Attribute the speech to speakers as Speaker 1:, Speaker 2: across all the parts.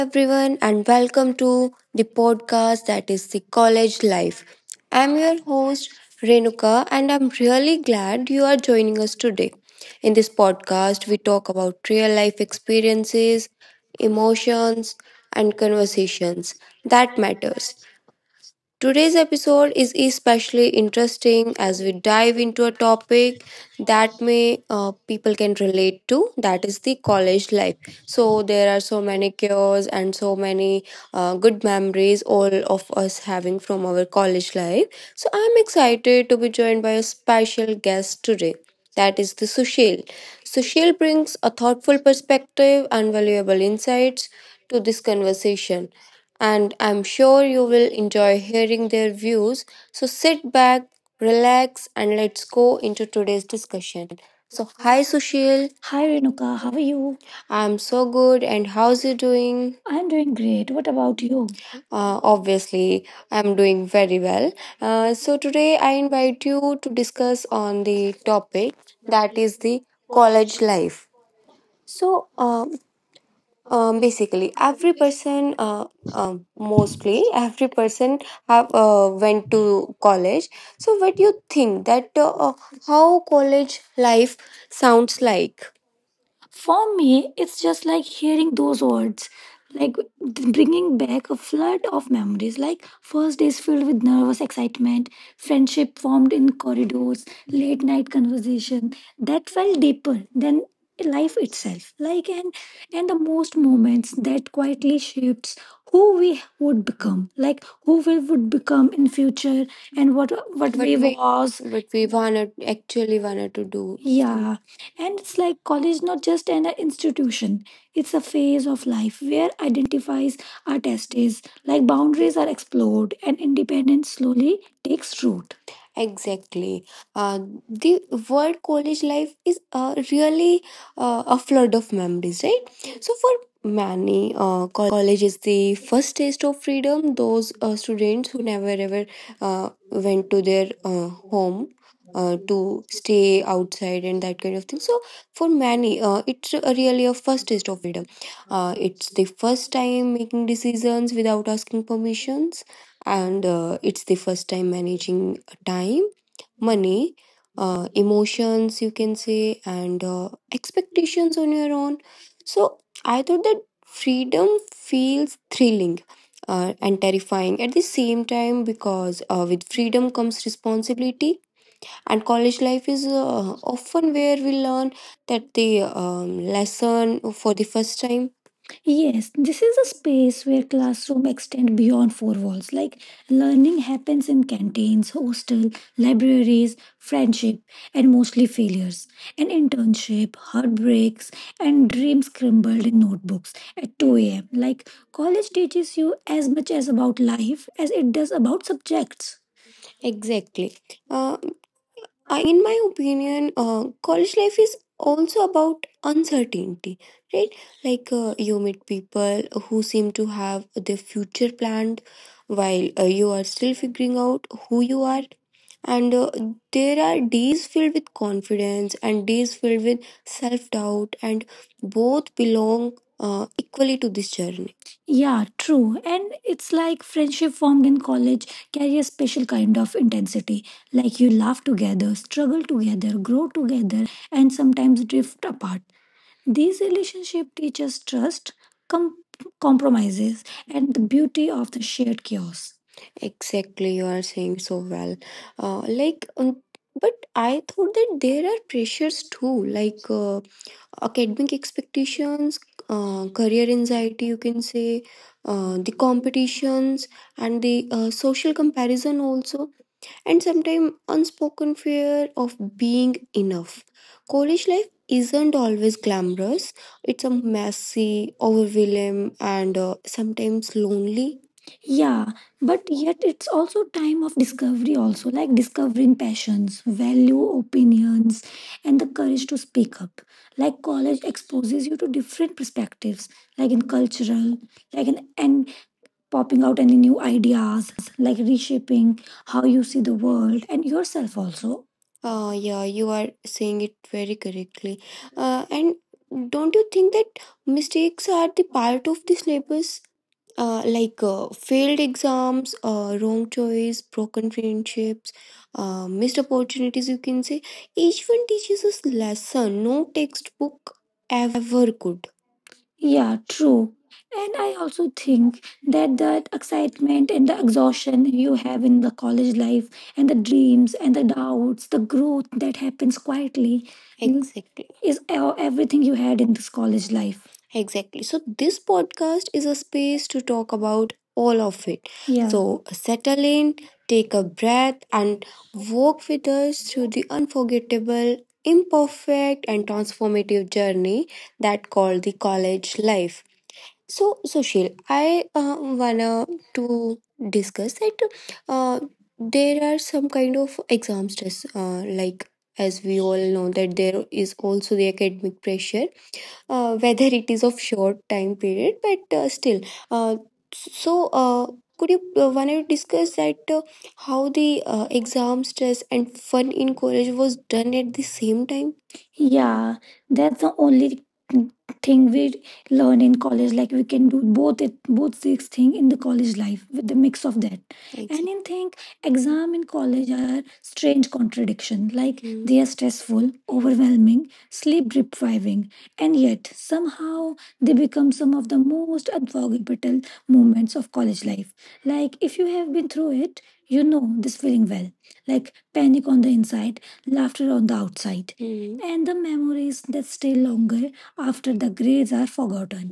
Speaker 1: everyone, and welcome to the podcast that is the college life. I'm your host, Renuka, and I'm really glad you are joining us today. In this podcast, we talk about real life experiences, emotions, and conversations that matters. Today's episode is especially interesting as we dive into a topic that may people can relate to, that is the college life. So there are so many cures and so many good memories all of us having from our college life. So I'm excited to be joined by a special guest today. That is the Sushil. Sushil brings a thoughtful perspective and valuable insights this conversation, and I'm sure you will enjoy hearing their views. So sit back, relax, and let's go into today's discussion. So, hi Sushil, Hi Renuka, how are you? I'm so good, and how's you doing? I'm doing great. What about you? Obviously, I'm doing very well. So today I invite you to discuss on the topic that is the college life. So, uh, Basically every person, mostly every person have went to college, so what you think that how college life sounds like? For me, it's just like hearing those words, like bringing back a flood of memories. Like first days filled with nervous excitement, friendship formed in corridors, late night conversation that felt deeper than life itself. And the most moments that quietly shapes who we would become, like who we would become in future, and what we was. What we wanna actually wanted to do. Yeah, and it's like college not just an institution, it's a phase of life where identities are tested, like boundaries are explored and independence slowly takes root. Exactly. Uh, the word college life is really a flood of memories, right? So, for many, college is the first taste of freedom. Those students who never ever went to their home. To stay outside and that kind of thing. So, for many, it's really a first taste of freedom. Uh, it's the first time making decisions without asking permissions, and it's the first time managing time, money, emotions, you can say, and expectations on your own. So I thought that freedom feels thrilling and terrifying at the same time, because with freedom comes responsibility, and college life is often where we learn that the um, lesson for the first time. Yes, this is a space where classroom extend beyond four walls. Like learning happens in canteens, hostel, libraries, friendship, and mostly failures, and internship, heartbreaks, and dreams scribbled in notebooks at 2 a.m. Like college teaches you as much as about life as it does about subjects. Exactly. Uh, in my opinion, college life is also about uncertainty, right? Like you meet people who seem to have their future planned while you are still figuring out who you are, and there are days filled with confidence and days filled with self doubt, and both belong equally to this journey. Yeah, true. And it's like friendship formed in college carry a special kind of intensity. Like you laugh together, struggle together, grow together, and sometimes drift apart. These relationships teach us trust, com- compromises, and the beauty of the shared chaos. Exactly, you are saying so well. Uh, like, um, but I thought that there are pressures too, like academic expectations, career anxiety, you can say, the competitions, and the social comparison also, and sometimes unspoken fear of being enough. College life isn't always glamorous, it's a messy, overwhelming, and sometimes lonely. Yeah, but yet it's also time of discovery also, like discovering passions, value opinions and the courage to speak up. Like college exposes you to different perspectives, like in cultural, like in and popping out any new ideas, like reshaping how you see the world and yourself. Yeah, you are saying it very correctly. And don't you think that mistakes are the part of the syllabus? Like failed exams, wrong choice, broken friendships, missed opportunities, you can say. Each one teaches us lesson no textbook ever could. Yeah, true. And I also think that excitement, the exhaustion you have in the college life, and the dreams and the doubts, the growth that happens quietly. Mm. Exactly. Is everything you had in this college life. Exactly. So, this podcast is a space to talk about all of it. Yeah. Settle in, take a breath, and walk with us through the unforgettable, imperfect, and transformative journey that called the college life. So, Sushil, I wanna to discuss that uh, there are some kind of exams. Like as you all know, that there is also the academic pressure, whether it is of short time period, but still. Uh, so, uh, could you wanna discuss that how the exam stress and fun in college was done at the same time? Yeah, that's the only thing learn in college, like we can do both, it both these things in the college life with the mix of that. Exactly. And in think exam in college are strange contradiction, like Mm. They are stressful, overwhelming, sleep depriving, and yet somehow some of the most unforgettable moments of college life. Like if you have been through it, you know this feeling well, like panic on the inside, laughter on the outside Mm. and the memories that stay longer after the grades are forgotten.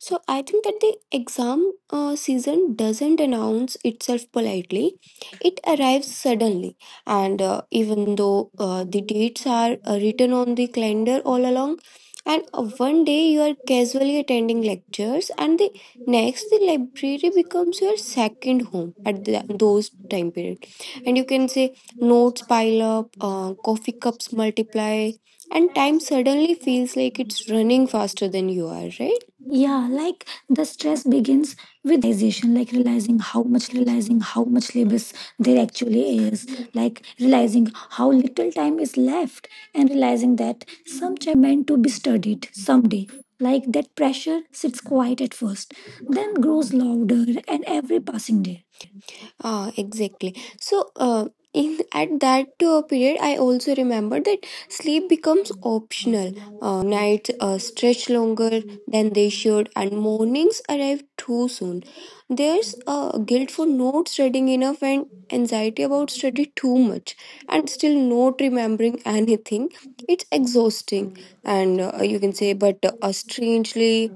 Speaker 1: So I think that the exam season doesn't announce itself politely. It arrives suddenly. And even though the dates are written on the calendar all along, and one day you are casually attending lectures, and the next the library becomes your second home at the, those time period. And you can say notes pile up, coffee cups multiply, and time suddenly feels like it's running faster than you are, right? Yeah, like the stress begins with realization, like realizing how much labors there actually is, like realizing how little time is left, and realizing that some chapters were meant to be studied someday. Like that pressure sits quiet at first, then grows louder, and every passing day. Ah, exactly. So, in at that period, I also remember that sleep becomes optional. Nights stretch longer than they should, and mornings arrive too soon. There's guilt for not studying enough and anxiety about study too much, and still not remembering anything. It's exhausting, and you can say, but strangely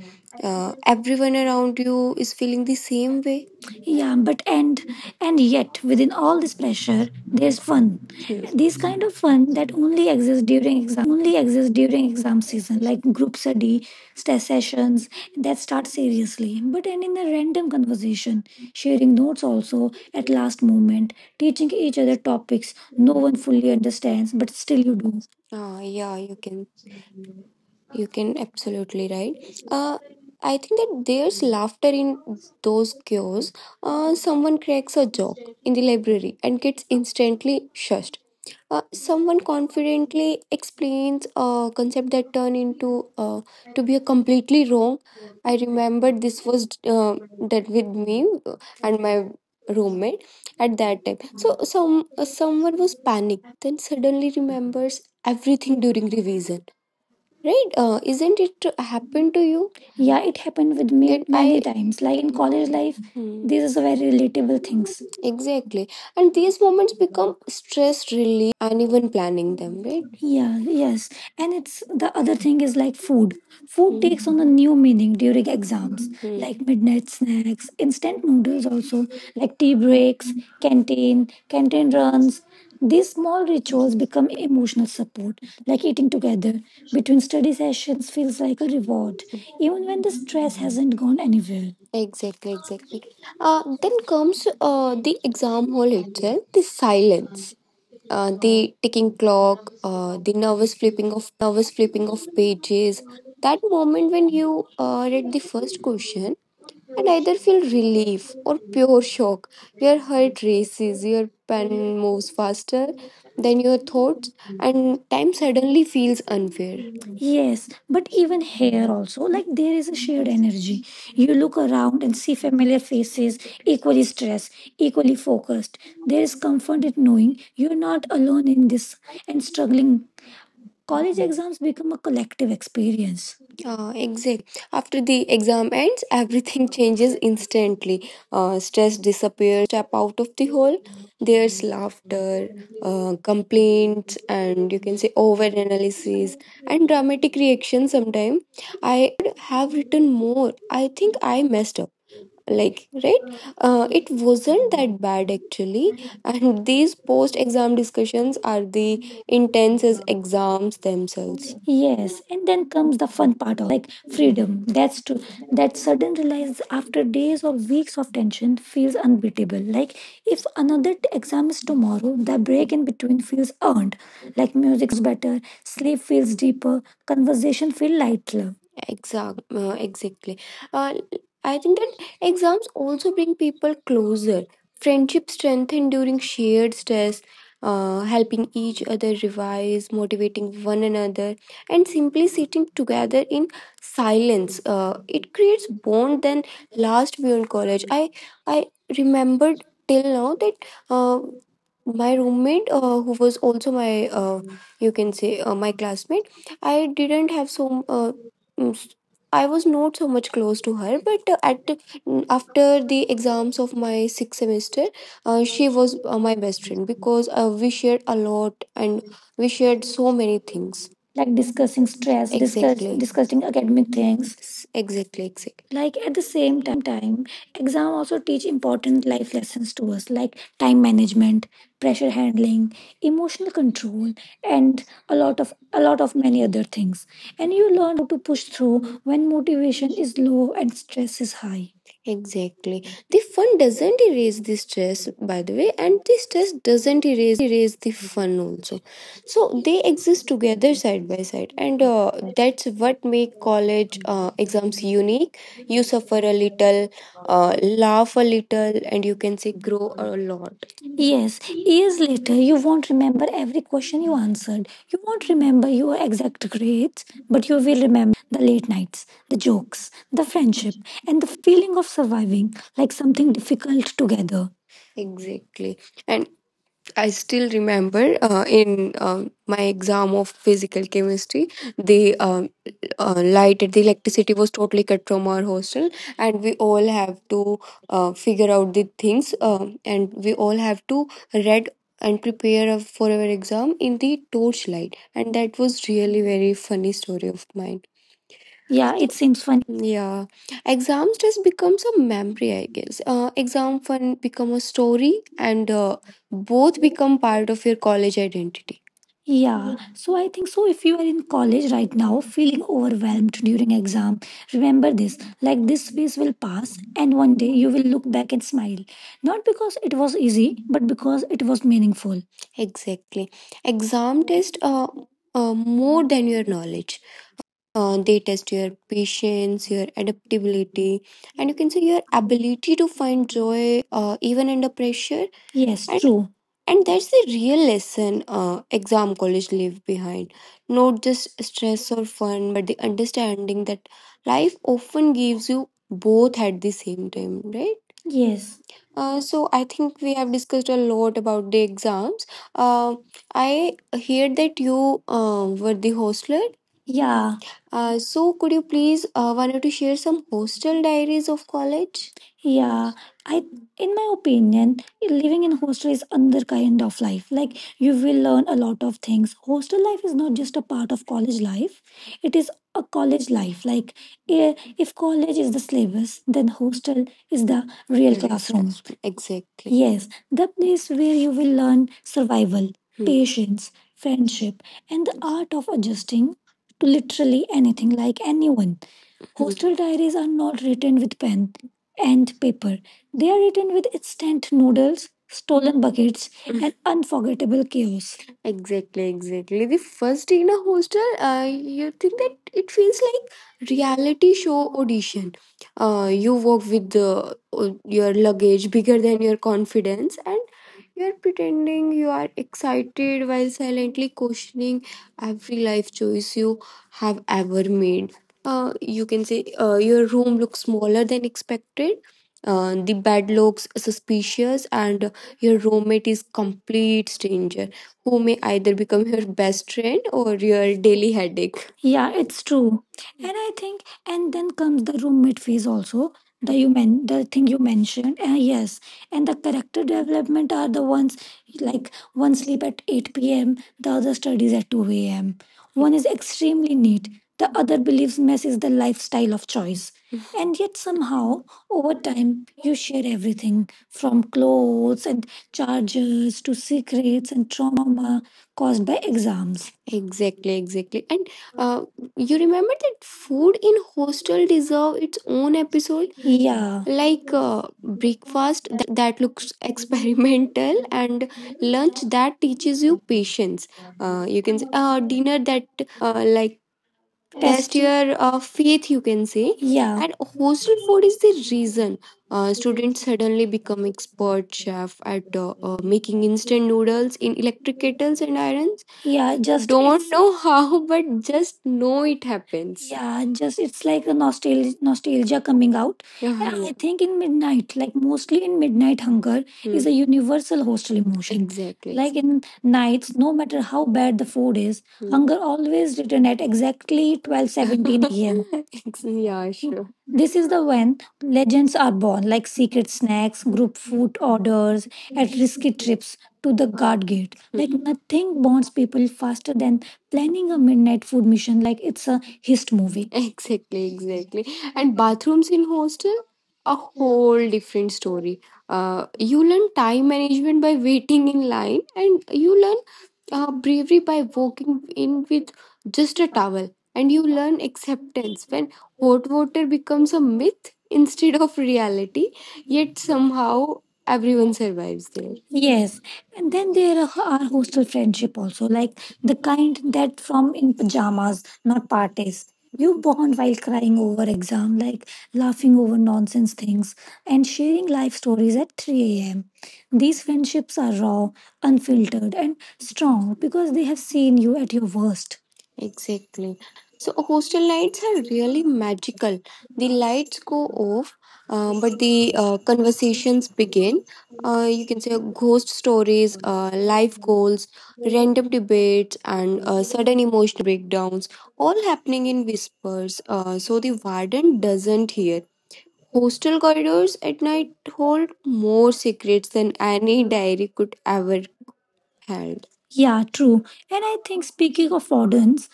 Speaker 1: everyone around you is feeling the same way. Yeah, but and yet within all this pressure there's fun. Hmm. These kind of fun that only exists during exam season, like group study sessions that start seriously but end in a random conversation, sharing notes also at last moment, teaching each other topics no one fully understands but still you do. Ah, yeah, you can, you can absolutely right. Uh, I think that there's laughter in those chaos. Someone cracks a joke in the library and gets instantly shushed. Someone confidently explains a concept that turned into uh, to be a completely wrong. I remember this was that with me and my roommate at that time. Someone was panicked, then suddenly remembers everything during revision. Right? Isn't it to happen to you? Yeah, it happened with me that many I times. Like in college life, Hmm. these are very relatable things. Exactly, and these moments become stress relief without anyone planning them, right? Yeah, yes. And it's the other thing is like food. Food Hmm. takes on a new meaning during, like midnight snacks, instant noodles also, like tea breaks, canteen runs. These small rituals become emotional support, like eating together between study sessions feels like a reward, even when it hasn't gone anywhere. Exactly. Then comes the exam hall itself, the silence, the ticking clock, the nervous flipping of pages. That moment when you read and either feel relief pure shock. Your heart races, your pen moves faster than your thoughts, and time suddenly feels. Yes, but here also, like there is a shared energy. You look around and see familiar faces, equally stressed, equally focused. There is comfort in knowing you're not alone in this and struggling. College exams become a collective experience. Exactly. After the exam ends, everything changes instantly. Stress disappears the moment you step out of the hall. There's laughter, complaints, and you can say overanalysis and dramatic reaction. Sometimes I should have written more. I think I messed up, like, right. It wasn't that bad actually, and these post exam discussions are the intense as exams themselves. Yes, and then comes the fun part also, like freedom. That's true. That sudden realize after days or weeks of tension feels unbeatable. Like if another exam is tomorrow, the break in between feels earned. Like music sounds better, sleep feels deeper, conversation feel light. Exactly. Uh, i think exams also bring people closer. Friendships strengthen during shared stress, helping each other revise, motivating one another, and simply sitting together in silence. It creates bond that last beyond college. I remembered till now that uh, my roommate, who was also my you can say my classmate, I didn't have so. Mm, I was not so much close to her, but after the exams of my sixth semester, she was my best friend because we shared a lot and we shared so many things. Like discussing stress. Exactly. Discussing academic things. Exactly. Exactly. Like at the same time, exam also teach important life lessons to us, like time management, pressure handling, emotional control, and a lot of many things, and you learn how to push through when motivation is low and stress is high. Exactly. The fun doesn't erase the stress, by the way, and the stress doesn't erase the fun also. So they exist together side by side, and that's what make college exams unique. You suffer a little, uh, laugh a little, and you can say grow a lot. Yes, years later, you won't remember every and you answered, you won't remember your exact grades, but you will remember the late nights, the jokes, the friendship, and the feeling of surviving like something difficult together. Exactly. And I still remember in my exam of physical chemistry, the light and the electricity was totally cut from hostel, and we all have to figure out the things and we all have to read and prepare for our exam in the torchlight, and that was really very funny story of mine. Yeah, it seems funny. Yeah, exams just becomes a memory, I guess. Exam fun become a story, and both become part of your college identity. Yeah, so I think so. If you are in college right now feeling overwhelmed during exam, remember this, like, this phase will pass, and one day you will look back and smile. Not because it was easy, because it was meaningful. Exactly. Exam test more than your knowledge. They test your patience, your adaptability, and you can say your ability to find joy even under pressure. And true. And that's the real lesson exam college leave behind. Stress or fun, but the understanding that life often gives both at the same time, right? So I think we have discussed a lot about the exams. Uh, I heard that you were the hostler. So could you please wanted to share some hostel diaries of college? I, in my opinion, living in hostel is another kind of life. Like you will learn a lot of things. Hostel life is not just a part of college life; it is a college life. Like eh, if college is, then hostel is the real classroom. Classroom. Exactly. The place where you will learn survival. Hmm. Patience, friendship, and the art of adjusting to literally anything, like anyone. Hmm. Hostel diaries are not written with pen and paper, they are written with instant noodles. Story and unforgettable chaos. Exactly, exactly. The first day in a hostel, you think it feels real show audition. You walk with the, your luggage bigger than your confidence, and pretending you are excited while silently questioning every life choice you have made. You can say you're smaller than expected. The bed looks suspicious, and your roommate is complete stranger who may either become your best friend or your daily headache. Yeah, it's true. And I think, and then comes the roommate phase also. The you men, the thing you mentioned, yes, and the character development are the ones, like, once at 8 p.m., the other studies at 2 a.m. One is extremely neat, the other believes mess is the lifestyle of choice. And yet, somehow, over time, you share everything, from clothes and chargers to secrets and trauma caused by exams. Exactly, exactly. And uh, you remember that food in hostel deserve its own episode? Like breakfast that looks experimental, and lunch that teaches you patience, you can say dinner that like test. Test. Your faith, you can say. Yeah. And hostel is the reason students suddenly become expert chef at making instant noodles in electric kettles and irons. Yeah. Just don't it's. Know how, but just know it happens. Yeah. Just it's like nostalgia coming out. Yeah. And uh-huh. I think in midnight, like mostly in midnight hunger, hmm, is, hmm, a universal hostel. Exactly. Like in nights, no matter how bad the food is, hunger always return at exactly 12 p.m. Yeah, sure. This is the when legends are born, like secret snacks, group food orders to the guard gate. Think bonds people faster than planning a midnight food mission like it's a heist movie. Exactly, exactly. And bathrooms in hostel, a whole different story. You learn time management by waiting in line, and you learn bravery by walking in with just a towel. And you learn acceptance when hot water becomes a myth instead of reality. Yet how everyone survives there. And then there are hostel friendship also, like the kind that from in pajamas, not parties. You bond while crying over exam, like laughing over nonsense things, and sharing life stories at 3 a.m. These friendships are raw, unfiltered, and strong because they have seen you at your worst. Exactly. So hostel nights are really magical. The lights go off, but the conversations begin, can say ghost stories, life goals, random debates, and sudden emotional breakdowns, all happening in whispers. So the warden doesn't hear. Hostel corridors at night hold more secrets than any diary could ever held. And I think speaking of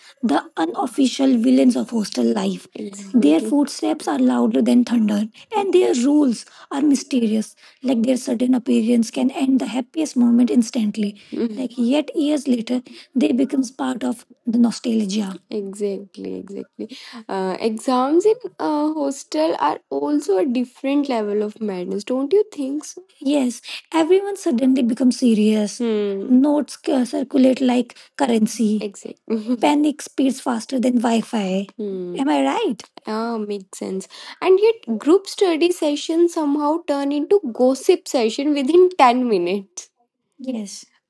Speaker 1: the unofficial villains of hostel life, their Exactly. footsteps are louder than thunder, and their rules are mysterious. Certain appearance can end the happiest moment instantly. Mhm. Like yet years they becomes part of the nostalgia. Exactly, exactly. Exams in hostel are also a different level of madness, don't you think so? Yes, everyone suddenly becomes serious. Hmm. Notes circulate like currency. Exactly. Panic speeds faster than Wi Fi. Hmm. Am I right? Ah, makes sense. And yet, group study sessions somehow turn into gossip session within,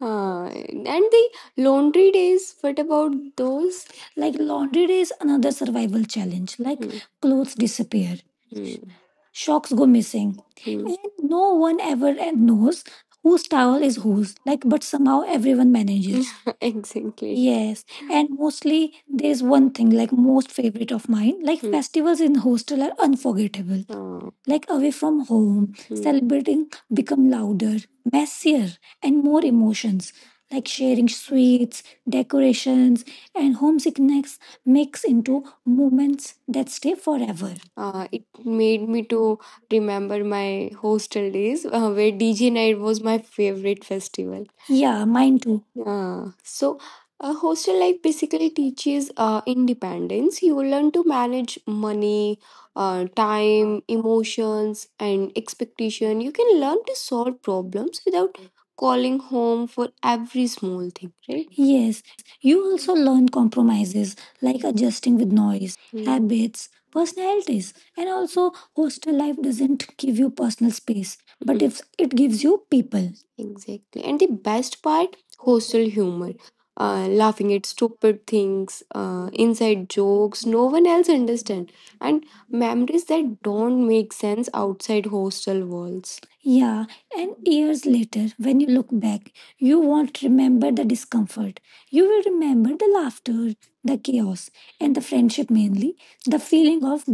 Speaker 1: and the laundry days, what about those? Like laundry day is another survival challenge. Like hmm, clothes, hmm, socks go missing, hmm, and no one ever knows whose towel is whose. Like, but somehow everyone manages. Exactly. Yes, and mostly there's one like most favorite of mine. Like, hmm, festivals in hostel are unforgettable. Oh, like away from home, hmm, celebrating become louder, messier, and more emotions sweets, decorations, and homesickness mix into moments that's. It made me to remember my hostel days where DJ night was my favorite festival. Mine too. Yeah. So, hostel life basically teaches independence. You learn to manage money, time, emotions, and expectation. You can learn to solve problems without calling home for every small thing, right? Yes, you also learn compromises, like adjusting with noise, mm, habits, personalities, and also hostel life doesn't give you personal space, but if it gives you people. Exactly. And the best part hostel humor, laughing at stupid things, inside jokes no one else understands, and things that don't make sense outside hostel walls. Yeah, and years later, when you look back, you won't remember the discomfort. You will remember the laughter, the chaos, and the friendship mainly, the feeling of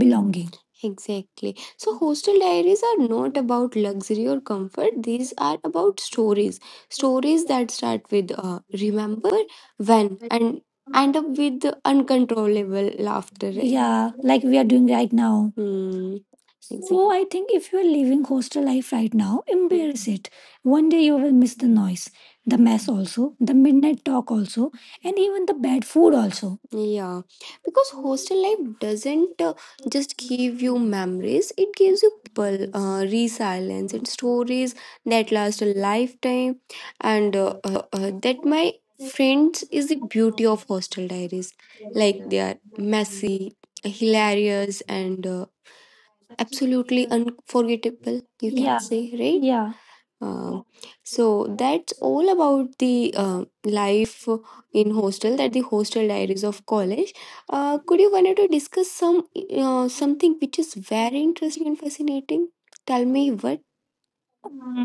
Speaker 1: Exactly. So, hostel diaries are not about luxury or comfort. These are about stories. Stories that start with remember when and end up with the uncontrollable laughter. Right? Yeah, like we are doing right now. Hmm. So exactly. I think if you are living hostel life right now, embrace it. One day you will miss the noise, the mess also, the midnight talk also, and even the bad food also. Yeah, because hostel life doesn't just give you memories, it gives you people, resilience, and stories that last a lifetime. And that, my friends, is the beauty of hostel diaries. Like, they are messy, hilarious, and absolutely unforgettable, you can, yeah, say, right? Yeah, um, so that's all about the life in hostel, that the hostel diaries of college. Could you wanted to discuss some something which is very interesting and fascinating? Tell me what.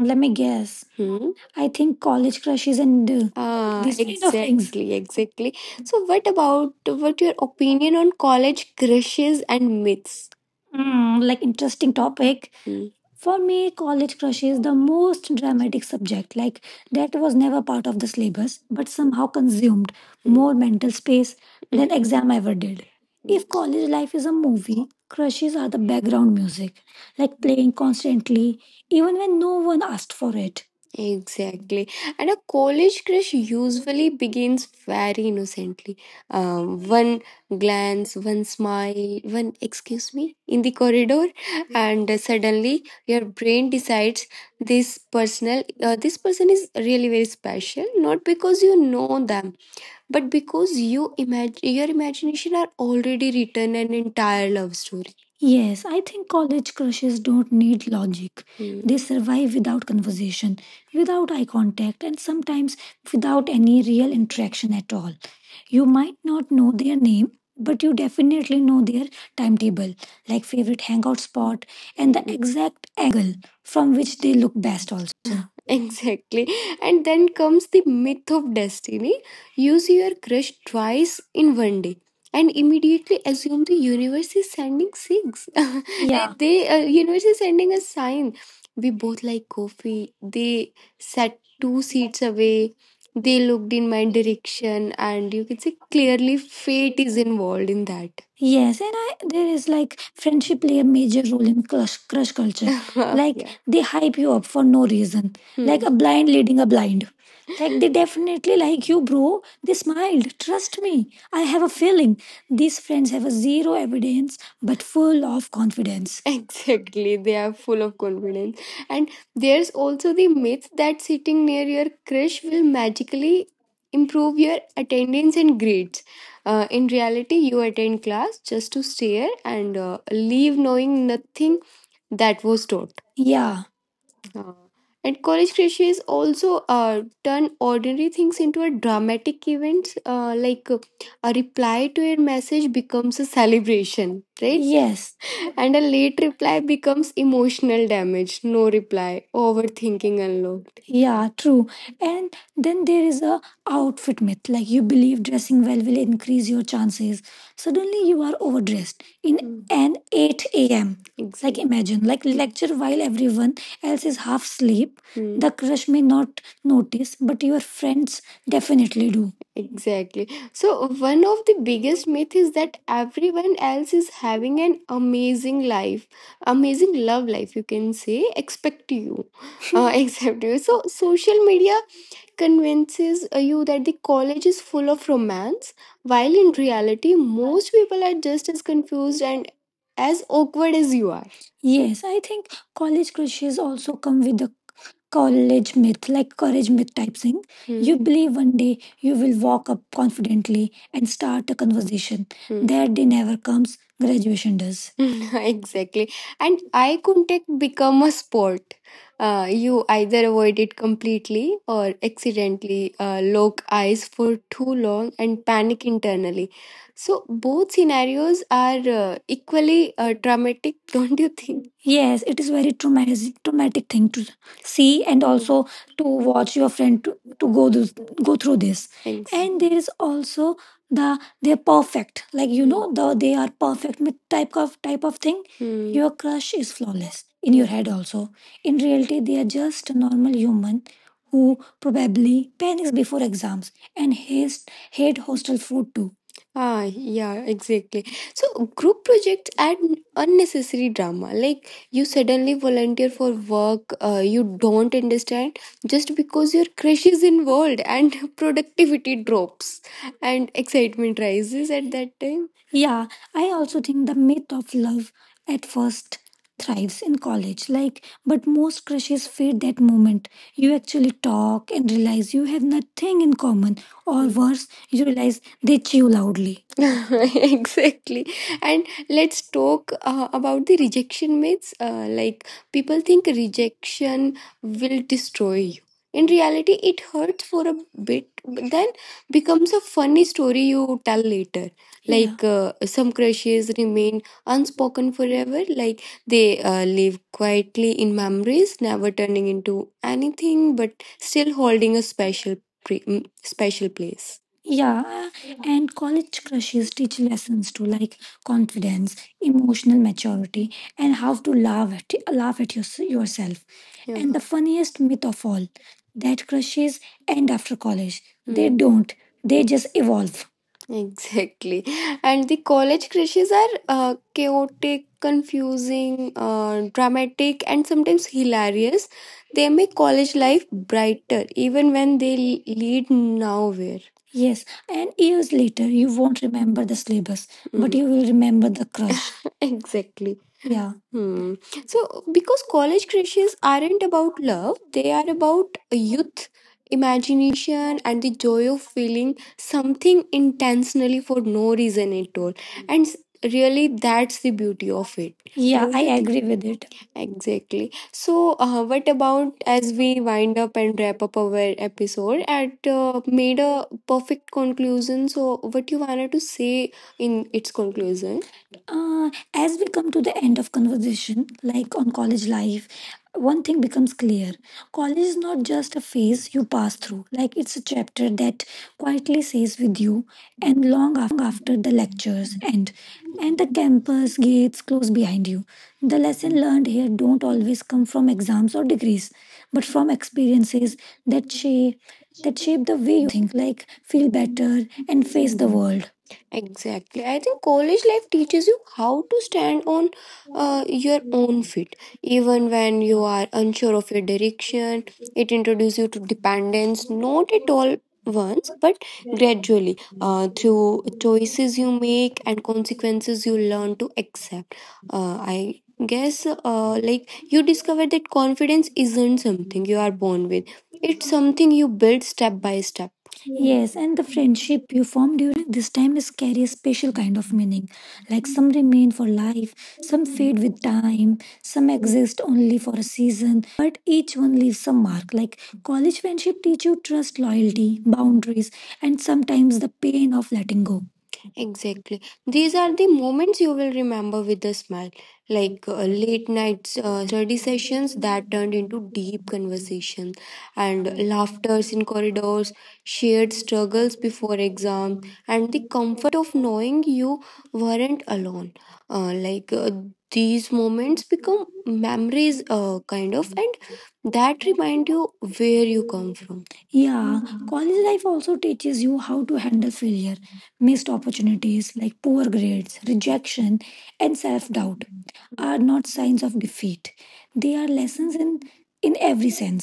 Speaker 1: Let me guess. Hmm? I think college crushes and these kind of things. Exactly, exactly. So, what about, what your opinion on college crushes and myths? Like, interesting topic. Hmm. For me, college was a dramatic subject, like that was never part of the syllabus, but somehow consumed Hmm. more mental space than exam ever did. If college life is a movie, crushes are the background music, like playing constantly, even when no one asked for it. Exactly. And a college crush usually begins very innocently. One glance, one smile, one excuse me in the corridor, and suddenly your brain decides this this person is really very special, not because you know them, because your imagination are already written an entire love story. Yes, I think college crushes don't need logic. Hmm. They survive without conversation, without eye contact, and sometimes without any real interaction at all. You might not know their name, but you definitely know their timetable, like favorite hangout spot, and the exact angle from which they look best, also. Exactly. And then comes the myth of destiny. You see your crush twice in one day and immediately assume the universe is sending six. Yeah. they Universe is sending a sign. We both like coffee two seats away. They looked in my direction, and you can see clearly fate is involved in that. Yes, and there is like friendship play a major role in crush culture. Like, yeah, they hype you up for no reason, like a blind leading a blind. Like, they definitely like you, bro. They smiled. Trust me, I have a feeling these friends have a zero evidence but full of confidence. Exactly, they are full of confidence. And there's also the myth that sitting near your crush will magically improve your attendance and grades. In reality, you attend class just to stare and leave knowing nothing that was taught. Yeah, uh, and college crushes also turn ordinary things into a dramatic event. Like a reply to a message becomes a celebration, right? Yes. And a late reply becomes emotional damage. No reply, overthinking unlocked. Yeah, true. And then there is a outfit. Like, you believe dressing well will increase your chances. So, you are over in an 8 a.m., like, exactly, imagine, like, lecture while everyone else is half asleep. Mm. The crush may not notice, but your friends definitely do. Exactly. So, one of the biggest myth is that everyone else is having an amazing life, amazing love life, you can say, except you. So, social media convinces you that the college is full of romance, while in reality, most people are just as confused and as awkward as you are. Yes, I think college crushes also come with the college myth, like courage myth type thing. Hmm. You believe one day you will walk up confidently and start a conversation. Hmm. That day never comes, graduation does. Exactly. And eye contact become a sport, you either avoid it completely or accidentally lock eyes for too long and panic internally, so both scenarios are equally traumatic. Don't you think? Yes, it is very traumatic, traumatic thing to see and also to watch your friend to go through this. Thanks. And there is also the they're perfect, like, the they are perfect with type of thing. Hmm. Your crush is flawless in your head, also in reality they are just a normal human who probably panics before exams and hates hate hostel food too. Yeah, exactly. So, group projects add unnecessary drama. Like, you suddenly volunteer for work you don't understand just because your crush is involved, and productivity drops and excitement rises at that time. Yeah, I also think the myth of love at first thrives in college. Like, but most crushes fade that moment. You actually talk and realize you have nothing in common, or worse, you realize they chew loudly. Exactly. Let's talk about the rejection myths. Like, people think rejection will destroy. In reality, it hurts for a bit, but then become a funny story you tell later. Yeah. Like, some crushes remain spoken forever, like, they live quietly in memories, never turning into anything, but still holding a special, pre- special place. Uh, and college crushes too, like confidence, emotional maturity, and how to laugh at yourself. Yeah. And the funniest myth that crushes end after college. They Hmm. they just evolve. Exactly. And the college crushes are chaotic, confusing, dramatic, and sometimes hilarious. They make college life brighter, even when they lead nowhere. Yes, and you don't remember the syllabus, but you will remember the crush. Exactly. Hmm. Because college crushes aren't about love, they are about youth, imagination, and the joy of feeling something intentionally for no reason. And really, that's the beauty of it. Exactly. So, what about as we wind up and wrap up our episode and made a perfect conclusion? So, what you wanted to say? Its conclusion. As we come to the end, like on college life, one thing becomes clear: college to pass through. Like, it's a chapter that quietly stays with you, and long after the lectures end and the campus gates close behind you, the lesson learned here don't always come from exams or degrees, but from experiences that shape the way you think, like feel better and face the world. Exactly. I think college life teaches you how to stand on your own feet, even when you are unsure of your direction. It introduces you to dependence, not at all once, but gradually through choices you make and consequences you learn to accept. I guess like you discover that confidence isn't something you are born with. It's something you build step by step. Yes, and the friendship you form during this time is carry a special kind of meaning. Like, some remain for life, some fade with time, some exist only for a season, but each one leaves a mark. Like, college friendship teach you trust, loyalty, boundaries, and sometimes the pain of letting go. Exactly. These are the moments you will remember with a smile, like late night study sessions that turned into deep conversation, and laughters in corridors, shared struggles before exam, and the comfort of knowing you weren't alone. Like these moments become memories, kind of, and that remind you where you. Yeah, college life also teaches you how to handle failure, missed opportunities, like poor grades, rejection, and self doubt are not signs of defeat. They are lessons in every setting.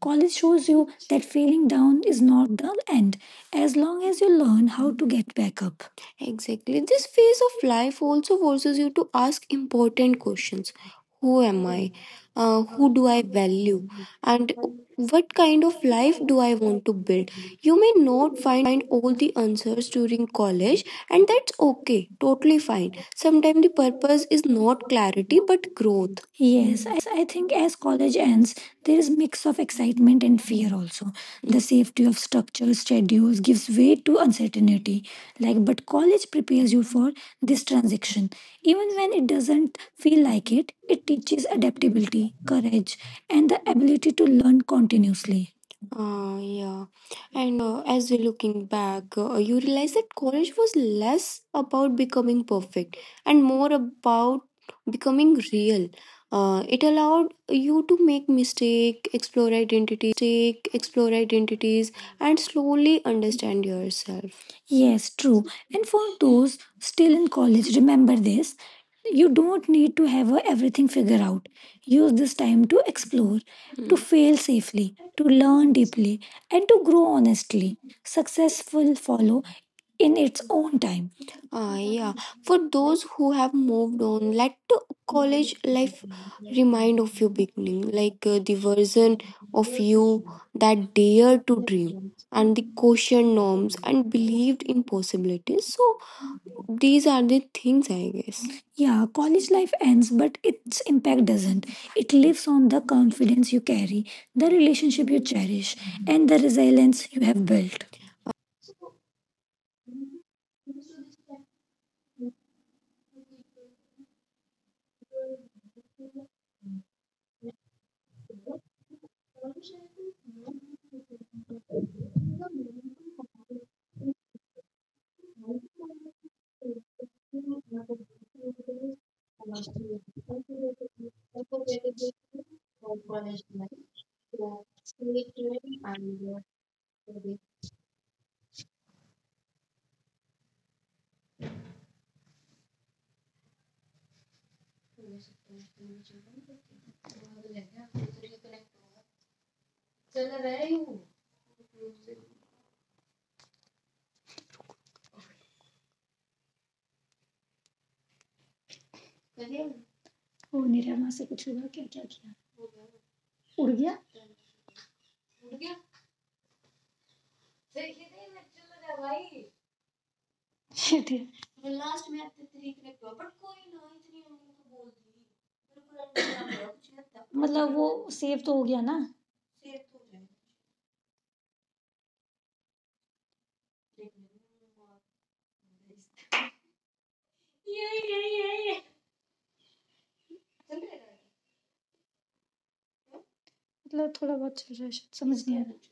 Speaker 1: College shows you that failing down is not the end as long as you learn how to get back up. Exactly. This phase of life also forces you to ask important questions. Who am I? Who do I value? And what kind of life do I want to build? You may not find all the answers during college, and that's okay, totally fine. Sometimes the purpose is not clarity but growth. Yes, I think as college ends, there is mix of excitement and fear also. The safety of structures, schedules gives way to uncertainty. Like, but college prepares you for this transition. Even when it doesn't feel like it teaches adaptability, courage, and the ability to learn continuously. Yeah. And as we're looking back, you realize that college was less about becoming perfect and more about becoming real. It allowed you to make mistake, explore identities, and slowly understand yourself. It's true. And for those still in college, remember this: you don't need to have everything figured out. Use this time to explore, to fail safely, to learn deeply, and to grow honestly. Success will follow in its own time. Uh, for those who have moved on, let to life remind of your beginning, like the version of you that dared to dream, cautioned norms, and believed in possibilities. So, these are the things, I guess. Yeah, college life ends, but its impact doesn't. It lives on the confidence you carry, the relationship you cherish, and the resilience you have built.
Speaker 2: ठीक है, मतलब वो save तो हो गया ना। मतलब थोड़ा समझ नहीं आया।